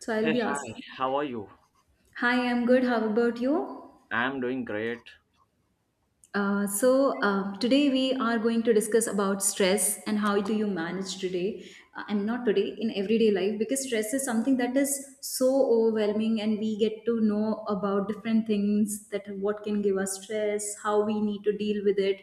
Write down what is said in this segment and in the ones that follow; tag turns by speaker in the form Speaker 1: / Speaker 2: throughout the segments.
Speaker 1: So I'll
Speaker 2: Hey,
Speaker 1: be
Speaker 2: hi,
Speaker 1: asking.
Speaker 2: how are you?
Speaker 1: Hi, I'm good. How about you?
Speaker 2: I'm doing great.
Speaker 1: Today we are going to discuss about stress and how do you manage today? I'm not today in everyday life because stress is something that is so overwhelming, and we get to know about different things that what can give us stress, how we need to deal with it,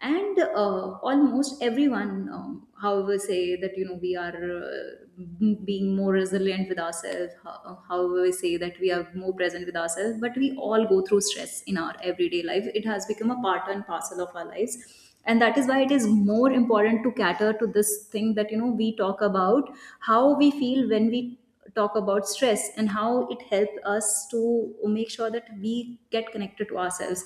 Speaker 1: and almost everyone however say that you know we are being more resilient with ourselves however we say that we are more present with ourselves, but we all go through stress in our everyday life. It has become a part and parcel of our lives, and that is why it is more important to cater to this thing that you know we talk about how we feel when we talk about stress and how it helps us to make sure that we get connected to ourselves.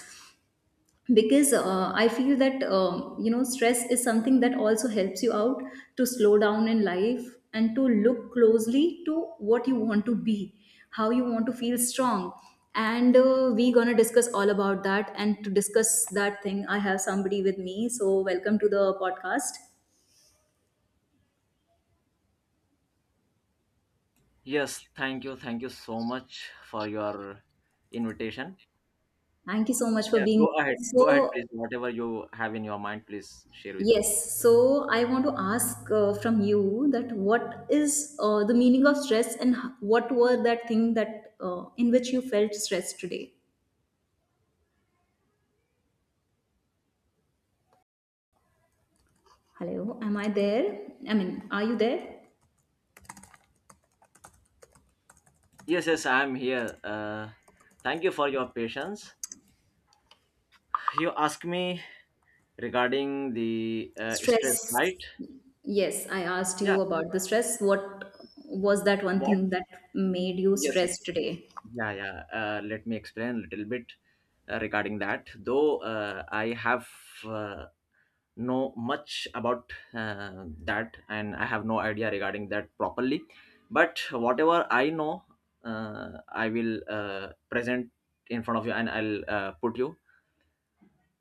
Speaker 1: Because I feel that you know, stress is something that also helps you out to slow down in life and to look closely to what you want to be, how you want to feel strong. And we're going to discuss all about that, and to discuss that thing I have somebody with me. So welcome to the podcast.
Speaker 2: Yes, thank you. Thank you so much for your invitation.
Speaker 1: Thank you so much for
Speaker 2: Yeah,
Speaker 1: being
Speaker 2: go ahead.
Speaker 1: here.
Speaker 2: Go ahead,
Speaker 1: So
Speaker 2: please. Whatever you have in your mind, please share with me.
Speaker 1: yes, so I want to ask from you that what is the meaning of stress and what were that thing that in which you felt stress today? Hello, am I there? I mean, are you there?
Speaker 2: Yes, yes, I'm here. Thank you for your patience. You asked me regarding the stress,
Speaker 1: Stress.
Speaker 2: right?
Speaker 1: Yes, I asked
Speaker 2: Yeah,
Speaker 1: you about the stress. What was that one
Speaker 2: what?
Speaker 1: thing that made you
Speaker 2: Yes, yes,
Speaker 1: stressed
Speaker 2: yes.
Speaker 1: today?
Speaker 2: Yeah, yeah. Let me explain a little bit regarding that. Though I have uh, know much about that and I have no idea regarding that properly, but whatever I know, I will present in front of you, and I'll put you.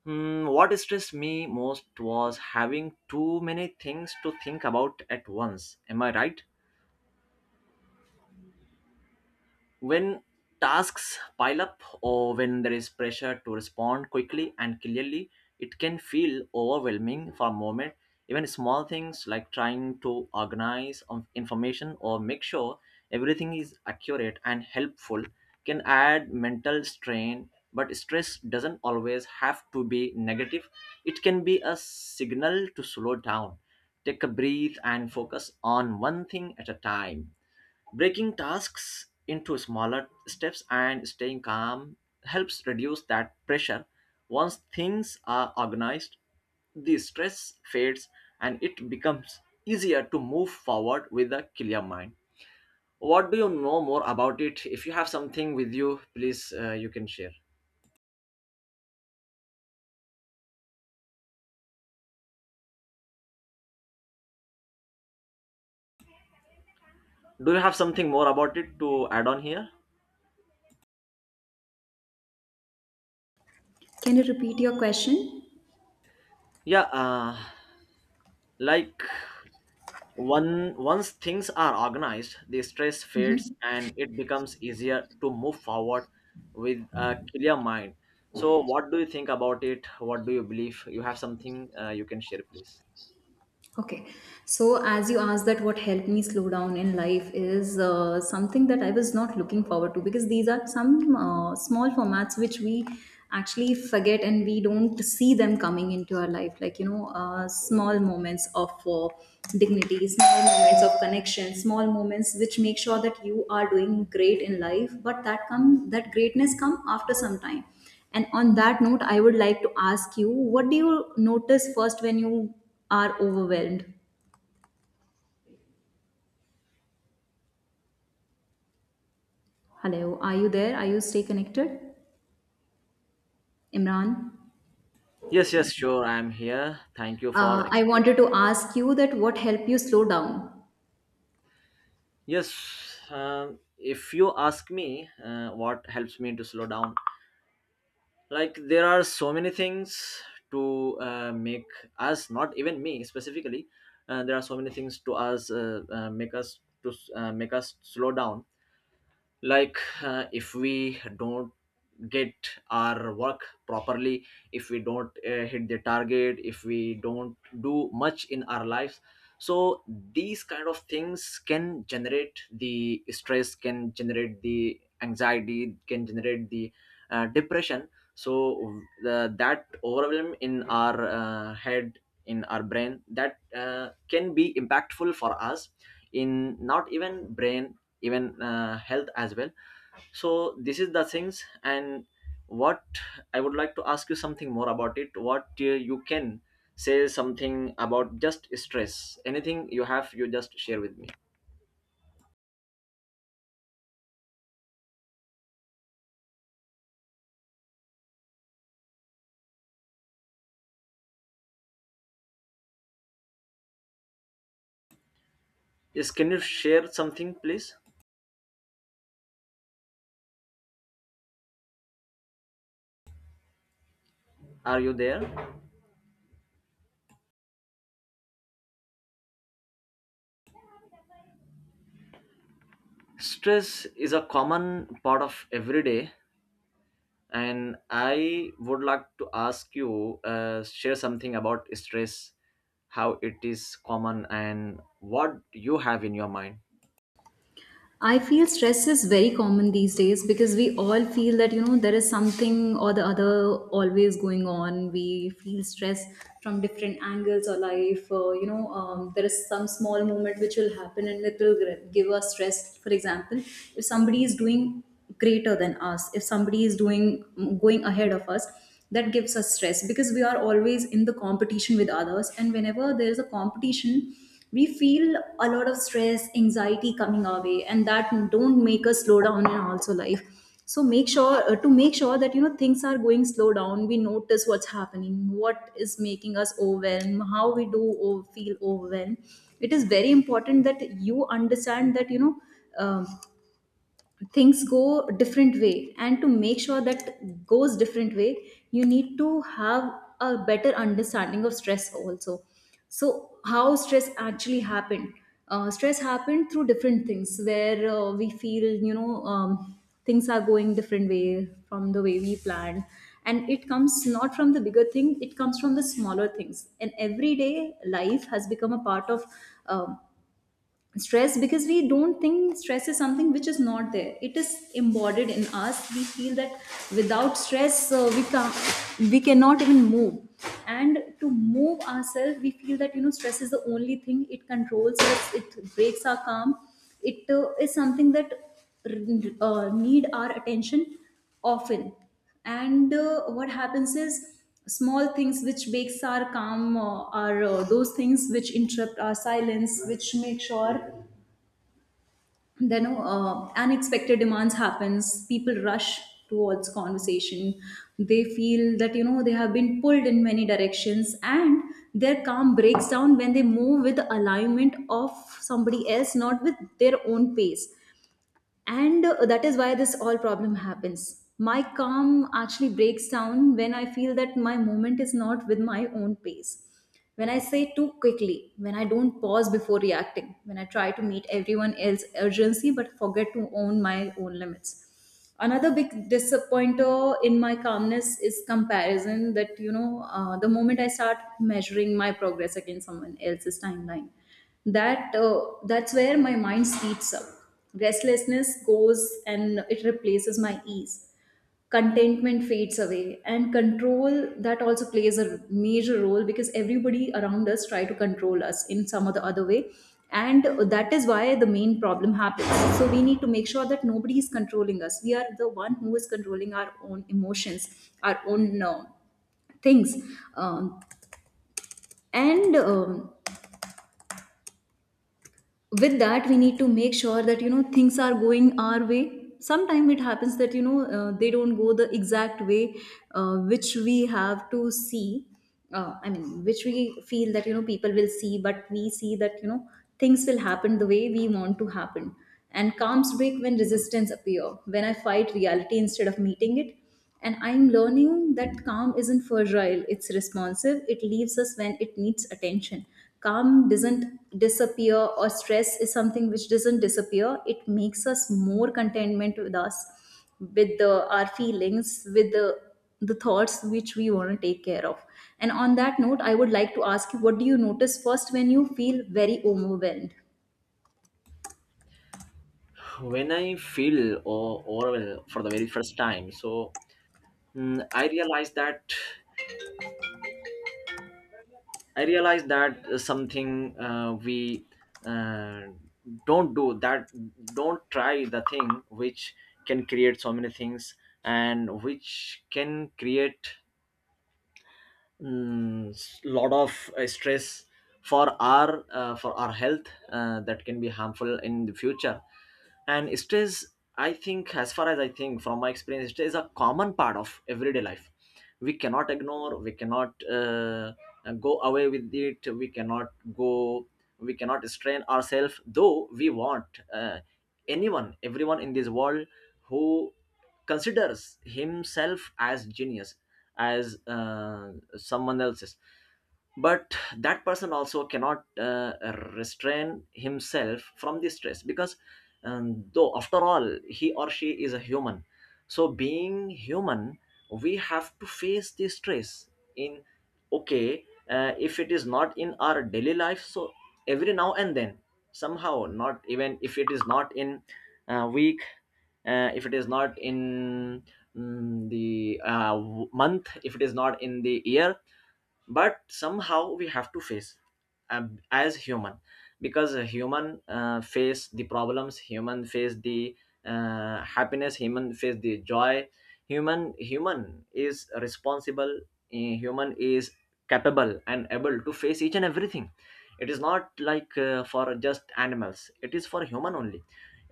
Speaker 2: Hmm, what stressed me most was having too many things to think about at once, am I right? When tasks pile up or when there is pressure to respond quickly and clearly, it can feel overwhelming for a moment. Even small things like trying to organize of information or make sure everything is accurate and helpful can add mental strain. But stress doesn't always have to be negative, it can be a signal to slow down, take a breath, and focus on one thing at a time. Breaking tasks into smaller steps and staying calm helps reduce that pressure. Once things are organized, the stress fades and it becomes easier to move forward with a clear mind. What do you know more about it? If you have something with you, please, you can share. Do you have something more about it to add on here?
Speaker 1: Can you repeat your question?
Speaker 2: Yeah, like, one, once things are organized, the stress fades and it becomes easier to move forward with a clear mind. So, what do you think about it? What do you believe? You have something, you can share, please.
Speaker 1: Okay, so as you asked that what helped me slow down in life is something that I was not looking forward to, because these are some small formats which we actually forget and we don't see them coming into our life. Like, you know, small moments of dignity, small moments of connection, small moments which make sure that you are doing great in life, but that come, that greatness come after some time. And on that note, I would like to ask you, what do you notice first when you are overwhelmed? Hello, are you there? Are you stay connected? Imran?
Speaker 2: Yes, yes, sure. I am here. Thank you for
Speaker 1: I
Speaker 2: explaining.
Speaker 1: wanted to ask you that what helped you slow down?
Speaker 2: Yes, if you ask me what helps me to slow down, like, there are so many things to make us, not even me specifically, there are so many things to us make us to make us slow down, like, if we don't get our work properly, if we don't hit the target, if we don't do much in our lives, so these kind of things can generate the stress, can generate the anxiety, can generate the depression. So that overwhelm in our head, in our brain, that can be impactful for us, in not even brain, even health as well. So this is the things, and what I would like to ask you something more about it, what you can say something about just stress, anything you have, you just share with me. Yes, can you share something, please? Are you there? Stress is a common part of every day, and I would like to ask you, share something about stress, how it is common and what you have in your mind.
Speaker 1: I feel stress is very common these days because we all feel that, you know, there is something or the other always going on. We feel stress from different angles or life. You know, there is some small moment which will happen and it will give us stress. For example, if somebody is doing greater than us, if somebody is doing going ahead of us, that gives us stress because we are always in the competition with others. And whenever there is a competition, we feel a lot of stress anxiety coming our way, and that don't make us slow down in also life. So make sure to make sure that, you know, things are going slow down, we notice what's happening, what is making us overwhelmed, how we do feel overwhelmed. It is very important that you understand that, you know, um, things go different way, and to make sure that goes different way, you need to have a better understanding of stress also. So how stress actually happened? Stress happened through different things where we feel, you know, things are going different way from the way we planned, and it comes not from the bigger thing, it comes from the smaller things, and everyday life has become a part of um, stress. Because we don't think stress is something which is not there, it is embodied in us. We feel that without stress we cannot even move, and to move ourselves we feel that, you know, stress is the only thing. It controls us, it breaks our calm. It is something that need our attention often. And what happens is small things which breaks our calm are those things which interrupt our silence, which make sure, then unexpected demands happens. People rush towards conversation. They feel that, you know, they have been pulled in many directions, and their calm breaks down when they move with the alignment of somebody else, not with their own pace. And that is why this all problem happens. My calm actually breaks down when I feel that my moment is not with my own pace, when I say too quickly, when I don't pause before reacting, when I try to meet everyone else's urgency but forget to own my own limits. Another big disappointer in my calmness is comparison. That, you know, the moment I start measuring my progress against someone else's timeline, that's where my mind speeds up, restlessness goes and it replaces my ease, contentment fades away. And control, that also plays a major role, because everybody around us try to control us in some or the other way, and that is why the main problem happens. So we need to make sure that nobody is controlling us, we are the one who is controlling our own emotions, our own things, um, and with that we need to make sure that, you know, things are going our way. Sometimes it happens that, you know, they don't go the exact way which we have to see. I mean, which we feel that, you know, people will see, but we see that, you know, things will happen the way we want to happen. And calms break when resistance appear, when I fight reality instead of meeting it. And I'm learning that calm isn't fragile, it's responsive. It leaves us when it needs attention. Calm doesn't disappear, or stress is something which doesn't disappear. It makes us more contentment with us, with the, our feelings, with the thoughts which we want to take care of. And on that note, I would like to ask you, what do you notice first when you feel very overwhelmed?
Speaker 2: When I feel or overwhelmed for the very first time, so, mm, I realize that, I realize that something, we uh, don't do that, don't try the thing which can create so many things and which can create, mm, lot of stress for our, for our health, that can be harmful in the future. And stress, I think, as far as I think, from my experience, stress is a common part of everyday life. We cannot ignore, we cannot go away with it, we cannot go, we cannot strain ourselves, though we want. uh, Anyone, everyone in this world who considers himself as genius, as someone else's, but that person also cannot restrain himself from the stress, because though after all he or she is a human. So being human, we have to face the stress in, okay, if it is not in our daily life, so every now and then, somehow, not even, if it is not in a week, if it is not in, mm, the month, if it is not in the year, but somehow we have to face, as human, because a human face the problems, human face the happiness, human face the joy, human is responsible, eh, human is capable and able to face each and everything. It is not like for just animals, it is for human only.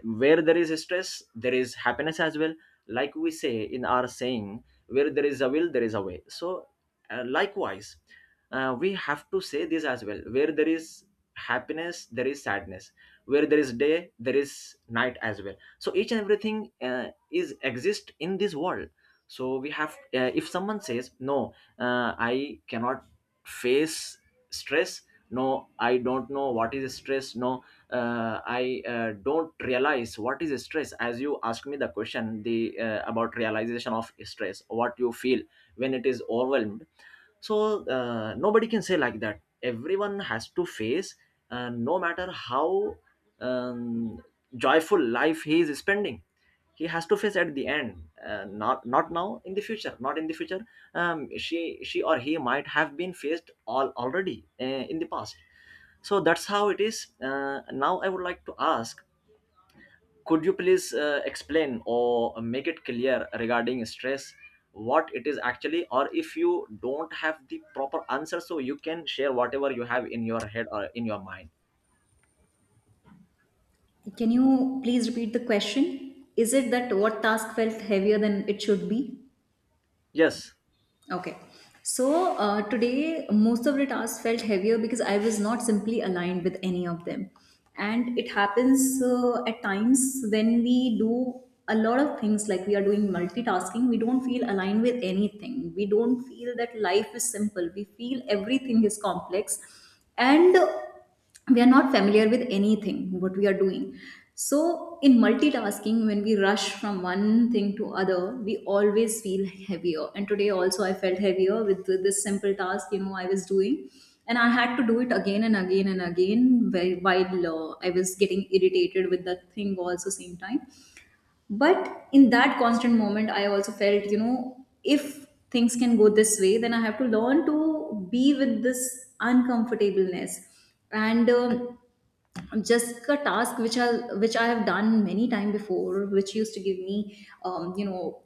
Speaker 2: Where there is stress, there is happiness as well. Like we say in our saying, where there is a will there is a way, so likewise we have to say this as well, where there is happiness there is sadness, where there is day there is night as well. So each and everything is exist in this world. So we have, if someone says, no, I cannot face stress, no, I don't know what is stress, no, I don't realize what is stress. As you asked me the question, the, about realization of stress, what you feel when it is overwhelmed, so nobody can say like that, everyone has to face, no matter how um, joyful life he is spending, he has to face at the end, not, not now, in the future, not in the future. She or he might have been faced all already, in the past. So that's how it is. Now I would like to ask, could you please explain or make it clear regarding stress, what it is actually, or if you don't have the proper answer, so you can share whatever you have in your head or in your mind?
Speaker 1: Can you please repeat the question? Is it that what task felt heavier than it should be?
Speaker 2: Yes,
Speaker 1: Okay. So today, most of the tasks felt heavier because I was not simply aligned with any of them. And it happens at times when we do a lot of things, like we are doing multitasking, we don't feel aligned with anything. We don't feel that life is simple. We feel everything is complex. And we are not familiar with anything what we are doing. So in multitasking, when we rush from one thing to other, we always feel heavier. And today also I felt heavier with this simple task, you know, I was doing, and I had to do it again and again and again, while I was getting irritated with that thing also same time. But in that constant moment, I also felt, you know, if things can go this way, then I have to learn to be with this uncomfortableness. And just a task which I have done many time before, which used to give me you know,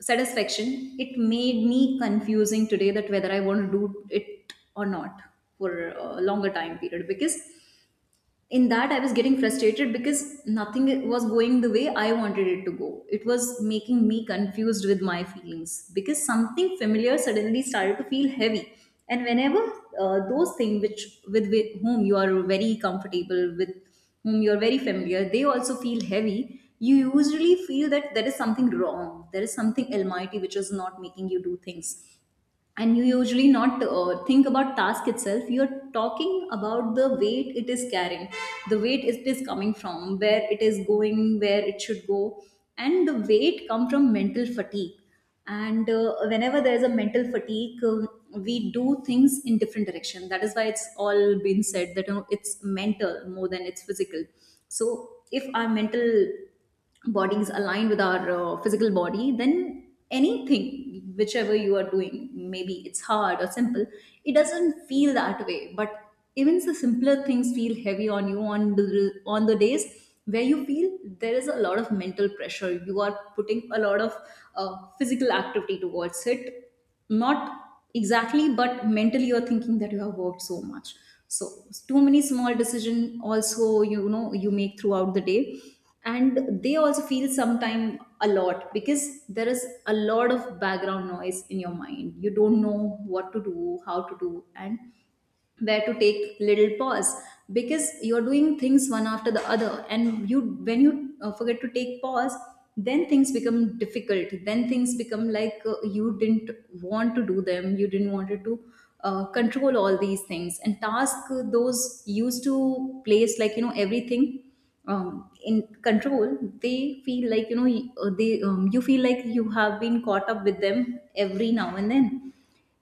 Speaker 1: satisfaction, it made me confusing today that whether I want to do it or not for a longer time period. Because in that, I was getting frustrated because nothing was going the way I wanted it to go. It was making me confused with my feelings, because something familiar suddenly started to feel heavy. And whenever those things which with whom you are very comfortable, with whom you're very familiar, they also feel heavy, you usually feel that there is something wrong, there is something almighty which is not making you do things. And you usually not think about task itself, you're talking about the weight it is carrying, the weight it is coming from, where it is going, where it should go. And the weight come from mental fatigue. And whenever there is a mental fatigue, we do things in different direction. That is why it's all been said that, you know, it's mental more than it's physical. So if our mental bodies aligned with our physical body, then anything whichever you are doing, maybe it's hard or simple, it doesn't feel that way. But even the simpler things feel heavy on you on the days where you feel there is a lot of mental pressure, you are putting a lot of physical activity towards it. Not exactly, but mentally you're thinking that you have worked so much. So too many small decision also, you know, you make throughout the day, and they also feel sometime a lot, because there is a lot of background noise in your mind. You don't know what To do, how to do, and where to take little pause, because you're doing things one after the other. And you when you forget to take pause, then things become difficult. Then things become like, you didn't want to do them, you didn't wanted to control all these things and task. Those used to place like, you know, everything in control, they feel like, you know, y- they you feel like you have been caught up with them every now and then.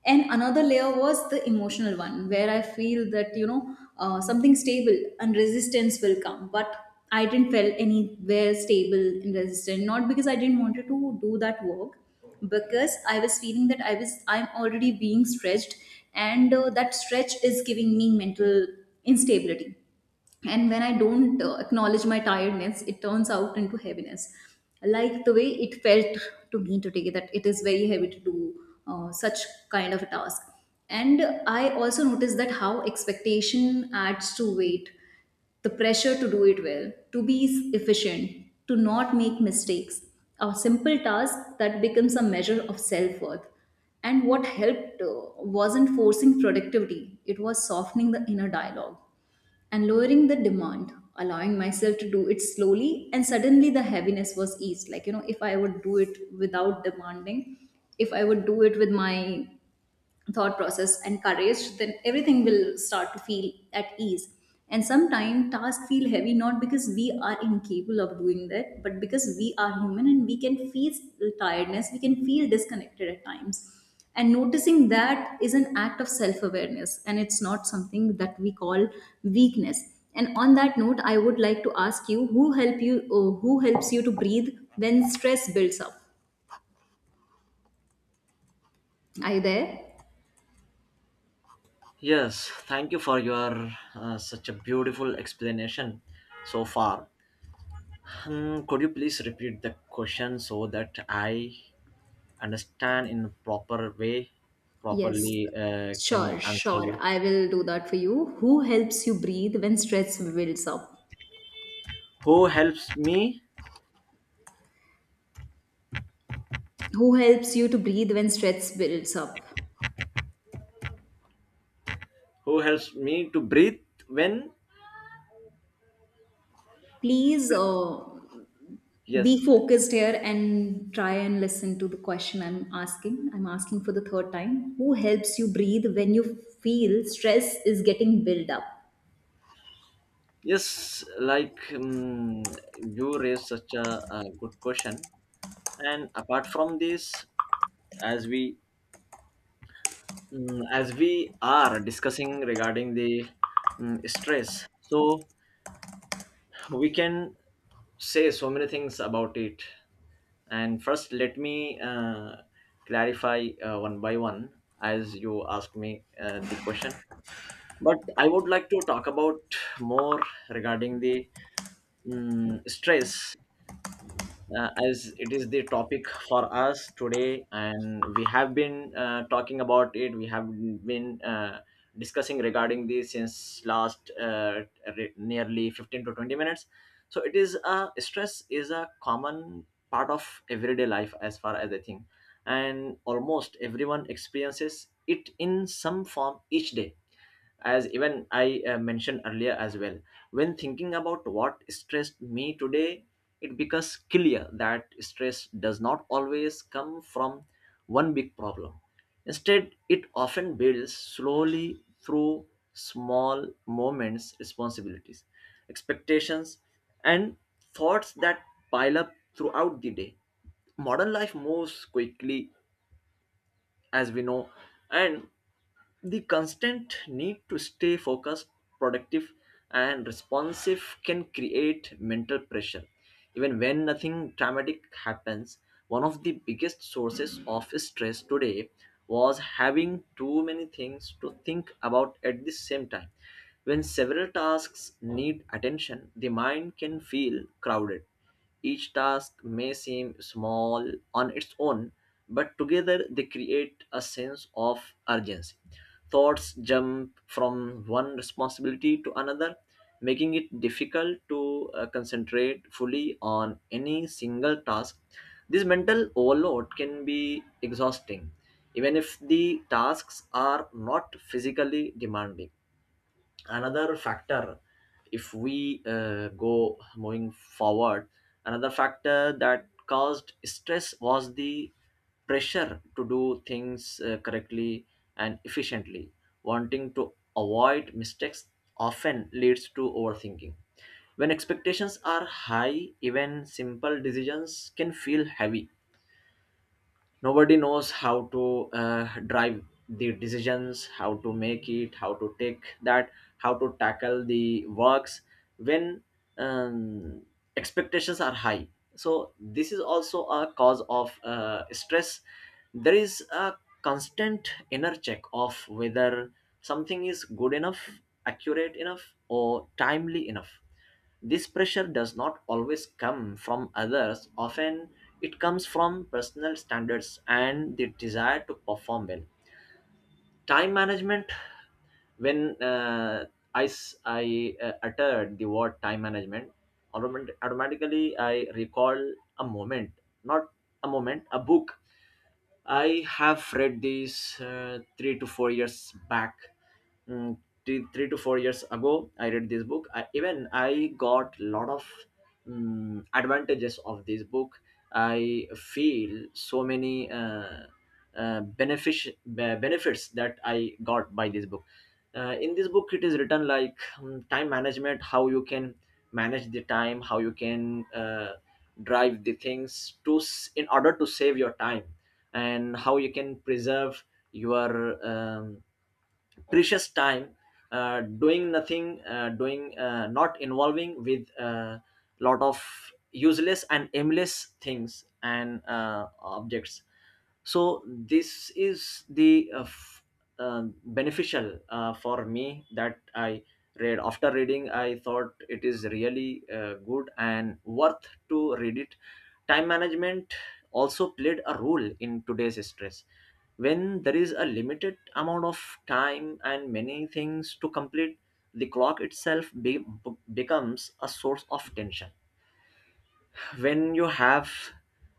Speaker 1: And another layer was the emotional one, where I feel that, you know, something stable and resistance will come, but I didn't feel anywhere stable and resistant. Not because I didn't wanted to do that work, because I was feeling that I'm already being stretched. And that stretch is giving me mental instability. And when I don't acknowledge my tiredness, it turns out into heaviness. Like the way it felt to me today, that it is very heavy to do such kind of a task. And I also noticed that how expectation adds to weight. The pressure to do it well, to be efficient, to not make mistakes. A simple task that becomes a measure of self-worth. And what helped wasn't forcing productivity, it was softening the inner dialogue and lowering the demand, allowing myself to do it slowly. And suddenly the heaviness was eased. Like, you know, if I would do it without demanding, if I would do it with my thought process and courage, then everything will start to feel at ease. And sometimes tasks feel heavy not because we are incapable of doing that, but because we are human and we can feel tiredness, we can feel disconnected at times. And noticing that is an act of self-awareness, and it's not something that we call weakness. And on that note, I would like to ask you, who helps you to breathe when stress builds up? Are you there?
Speaker 2: yes. Thank you for your such a beautiful explanation so far. Hmm, could you please repeat the question so that I understand in proper way,
Speaker 1: Yes,
Speaker 2: properly,
Speaker 1: sure,
Speaker 2: can answer
Speaker 1: sure.
Speaker 2: you?
Speaker 1: I will do that for you. Who helps you breathe when stress builds up?
Speaker 2: Who helps me?
Speaker 1: Who helps you to breathe when stress builds up?
Speaker 2: Who helps me to breathe when?
Speaker 1: Please be
Speaker 2: Yes,
Speaker 1: focused here and try and listen to the question I'm asking. I'm asking for the third time. Who helps you breathe when you feel stress is getting built up?
Speaker 2: yes, like, you raised such a good question. And apart from this, as we, mm, as we are discussing regarding the, mm, stress, so we can say so many things about it. And first, let me clarify one by one, as you ask me the question. But I would like to talk about more regarding the, mm, stress, as it is the topic for us today, and we have been talking about it, we have been discussing regarding this since last, nearly 15 to 20 minutes. So it is, stress is a common part of everyday life, as far as I think, and almost everyone experiences it in some form each day, as even I mentioned earlier as well. When thinking about what stressed me today, it becomes clear that stress does not always come from one big problem. Instead, it often builds slowly through small moments, responsibilities, expectations, and thoughts that pile up throughout the day. Modern life moves quickly, as we know, and the constant need to stay focused, productive, and responsive can create mental pressure. Even when nothing dramatic happens, one of the biggest sources of stress today was having too many things to think about at the same time. When several tasks need attention, the mind can feel crowded. Each task may seem small on its own, but together they create a sense of urgency. Thoughts jump from one responsibility to another, making it difficult to concentrate fully on any single task. This mental overload can be exhausting, even if the tasks are not physically demanding. Another factor, if we go moving forward, another factor that caused stress was the pressure to do things correctly and efficiently. Wanting to avoid mistakes often leads to overthinking. When expectations are high, even simple decisions can feel heavy. Nobody knows how to drive the decisions, how to make it, how to take that, how to tackle the works when um, expectations are high. So this is also a cause of stress. There is a constant inner check of whether something is good enough, accurate enough, or timely enough. This pressure does not always come from others, often it comes from personal standards and the desire to perform well. Time management, when I uttered the word time management, automatically I recall a moment, not a moment, a book. I have read this 3 to 4 years back, mm, three to four years ago I read this book. Even I got lot of, mm, advantages of this book. I feel so many benefits that I got by this book. In this book it is written like, mm, time management, how you can manage the time, how you can drive the things to in order to save your time, and how you can preserve your um, precious time, doing nothing, doing, not involving with a lot of useless and aimless things and objects. So this is the beneficial for me, that I read, after reading I thought it is really good and worth to read it. Time management also played a role in today's stress. When there is a limited amount of time and many things to complete, the clock itself becomes a source of tension. When you have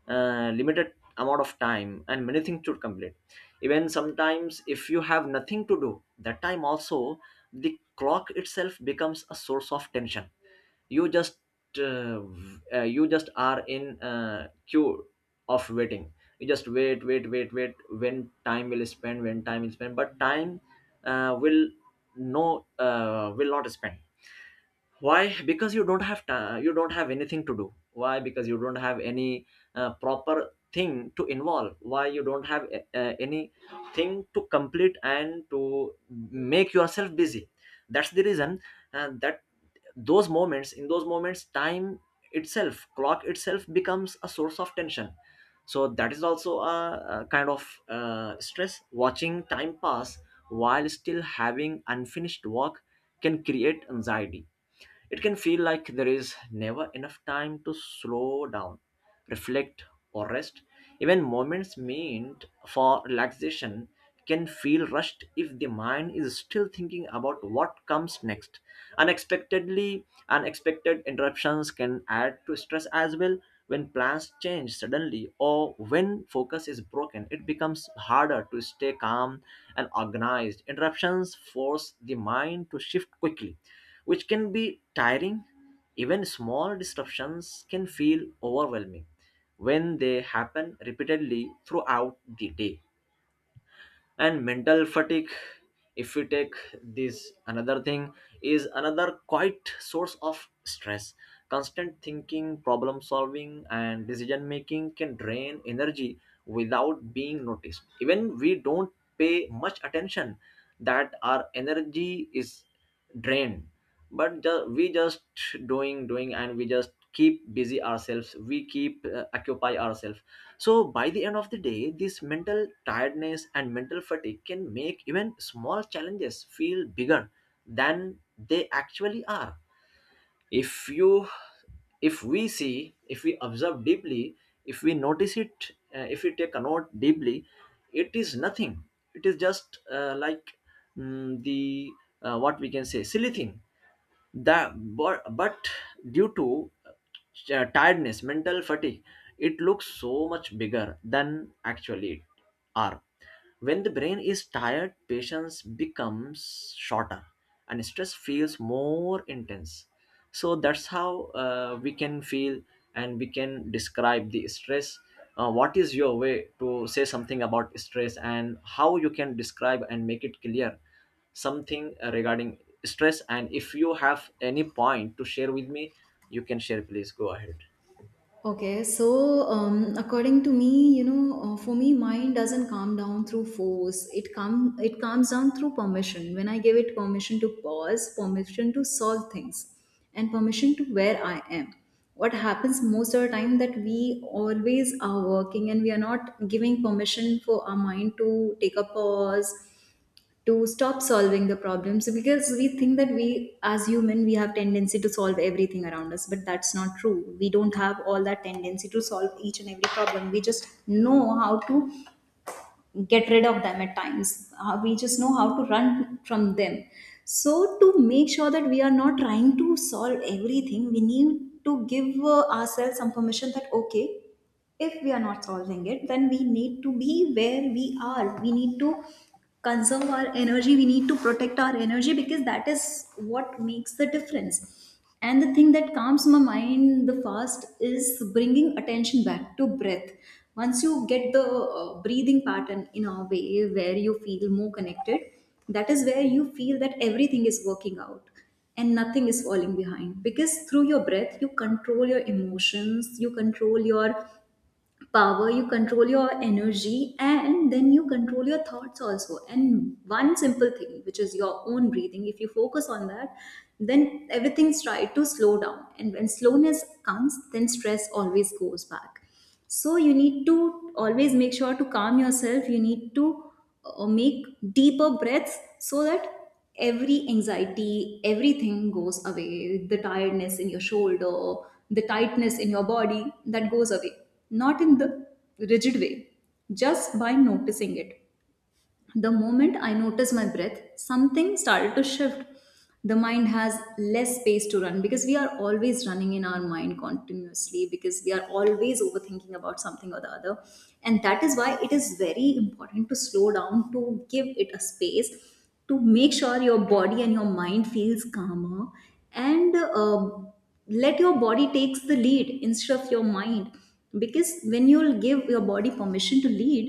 Speaker 2: limited amount of time and many things to complete, even sometimes if you have nothing to do, that time also the clock itself becomes a source of tension. You just uh, you just are in queue of waiting, you just wait, when time will spend, when time will spend, but time will, no, will not spend. Why? Because you don't have time, you don't have anything to do. Why? Because you don't have any proper thing to involve. Why? You don't have any thing to complete and to make yourself busy. That's the reason. That those moments, in those moments, time itself, clock itself becomes a source of tension. So that is also a kind of stress. Watching time pass while still having unfinished work can create anxiety. It can feel like there is never enough time to slow down, reflect, or rest. Even moments meant for relaxation can feel rushed if the mind is still thinking about what comes next. Unexpectedly, unexpected interruptions can add to stress as well. When plans change suddenly or when focus is broken, it becomes harder to stay calm and organized. Interruptions force the mind to shift quickly, which can be tiring. Even small disruptions can feel overwhelming when they happen repeatedly throughout the day. And mental fatigue, if we take this another thing, is another quite source of stress. Constant thinking, problem solving, and decision making can drain energy without being noticed. Even we don't pay much attention that our energy is drained, but we just doing, doing, and we just keep busy ourselves, we keep occupy ourselves. So by the end of the day, this mental tiredness and mental fatigue can make even small challenges feel bigger than they actually are. If you, if we see, if we observe deeply, if we notice it, if we take a note deeply, it is nothing. It is just like, mm, the what we can say silly thing, the, but due to tiredness, mental fatigue, it looks so much bigger than actually it are. When the brain is tired, patience becomes shorter and stress feels more intense. So that's how we can feel and we can describe the stress. What is your way to say something about stress and how you can describe and make it clear something regarding stress? And if you have any point to share with me, you can share, please. Go ahead.
Speaker 1: Okay, so according to me, you know, for me, mind doesn't calm down through force. It calms down through permission. When I give it permission to pause, permission to solve things, and permission to where I am. What happens most of the time that we always are working and we are not giving permission for our mind to take a pause, to stop solving the problems? Because we think that we, as human, we have tendency to solve everything around us, but that's not true. We don't have all that tendency to solve each and every problem. We just know how to get rid of them at times. We just know how to run from them. So to make sure that we are not trying to solve everything, we need to give ourselves some permission that okay, if we are not solving it, then we need to be where we are. We need to conserve our energy, we need to protect our energy, because that is what makes the difference. And the thing that calms my mind the fast is bringing attention back to breath. Once you get the breathing pattern in a way where you feel more connected, that is where you feel that everything is working out and nothing is falling behind. Because through your breath you control your emotions, you control your power, you control your energy, and then you control your thoughts also. And one simple thing, which is your own breathing, if you focus on that, then everything's tried to slow down. And when slowness comes, then stress always goes back. So you need to always make sure to calm yourself. You need to make deeper breaths so that every anxiety, everything goes away. The tiredness in your shoulder, the tightness in your body, that goes away. Not in the rigid way, just by noticing it. The moment I noticed my breath, something started to shift. The mind has less space to run, because we are always running in our mind continuously, because we are always overthinking about something or the other. And that is why it is very important to slow down, to give it a space, to make sure your body and your mind feels calmer. And let your body takes the lead instead of your mind, because when you'll give your body permission to lead,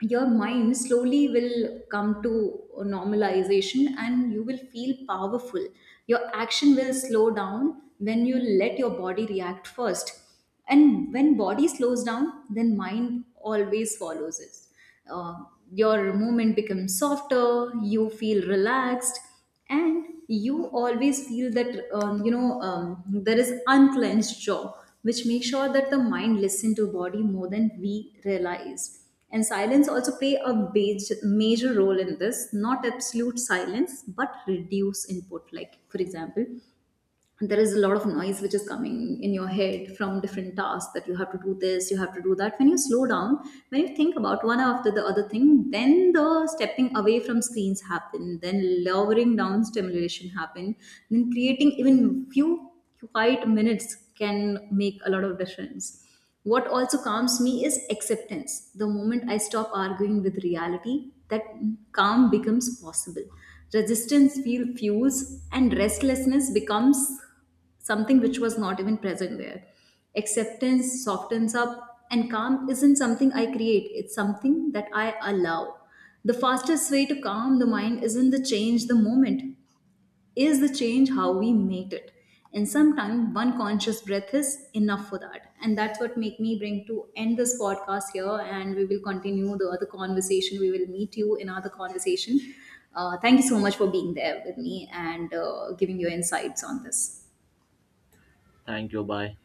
Speaker 1: your mind slowly will come to a normalization and you will feel powerful. Your action will slow down when you let your body react first. And when body slows down, then mind always follows it. uh, your movement becomes softer, you feel relaxed. And you always feel that you know, there is unclenched jaw, which makes sure that the mind listens to body more than we realize. And silence also play a major role in this. Not absolute silence, but reduce input. Like for example, there is a lot of noise which is coming in your head from different tasks that you have to do this, you have to do that. When you slow down, when you think about one after the other thing, then the stepping away from screens happen, then lowering down stimulation happen, then creating even few quiet minutes can make a lot of difference. What also calms me is acceptance. The moment I stop arguing with reality, that calm becomes possible. Resistance feel fuels, and restlessness becomes something which was not even present there. Acceptance softens up, and calm isn't something I create, it's something that I allow. The fastest way to calm the mind isn't the change the moment, is the change how we made it. And sometimes one conscious breath is enough for that. And that's what make me bring to end this podcast here. And we will continue the other conversation, we will meet you in other conversation. Thank you so much for being there with me and giving your insights on this.
Speaker 2: Thank you. Bye.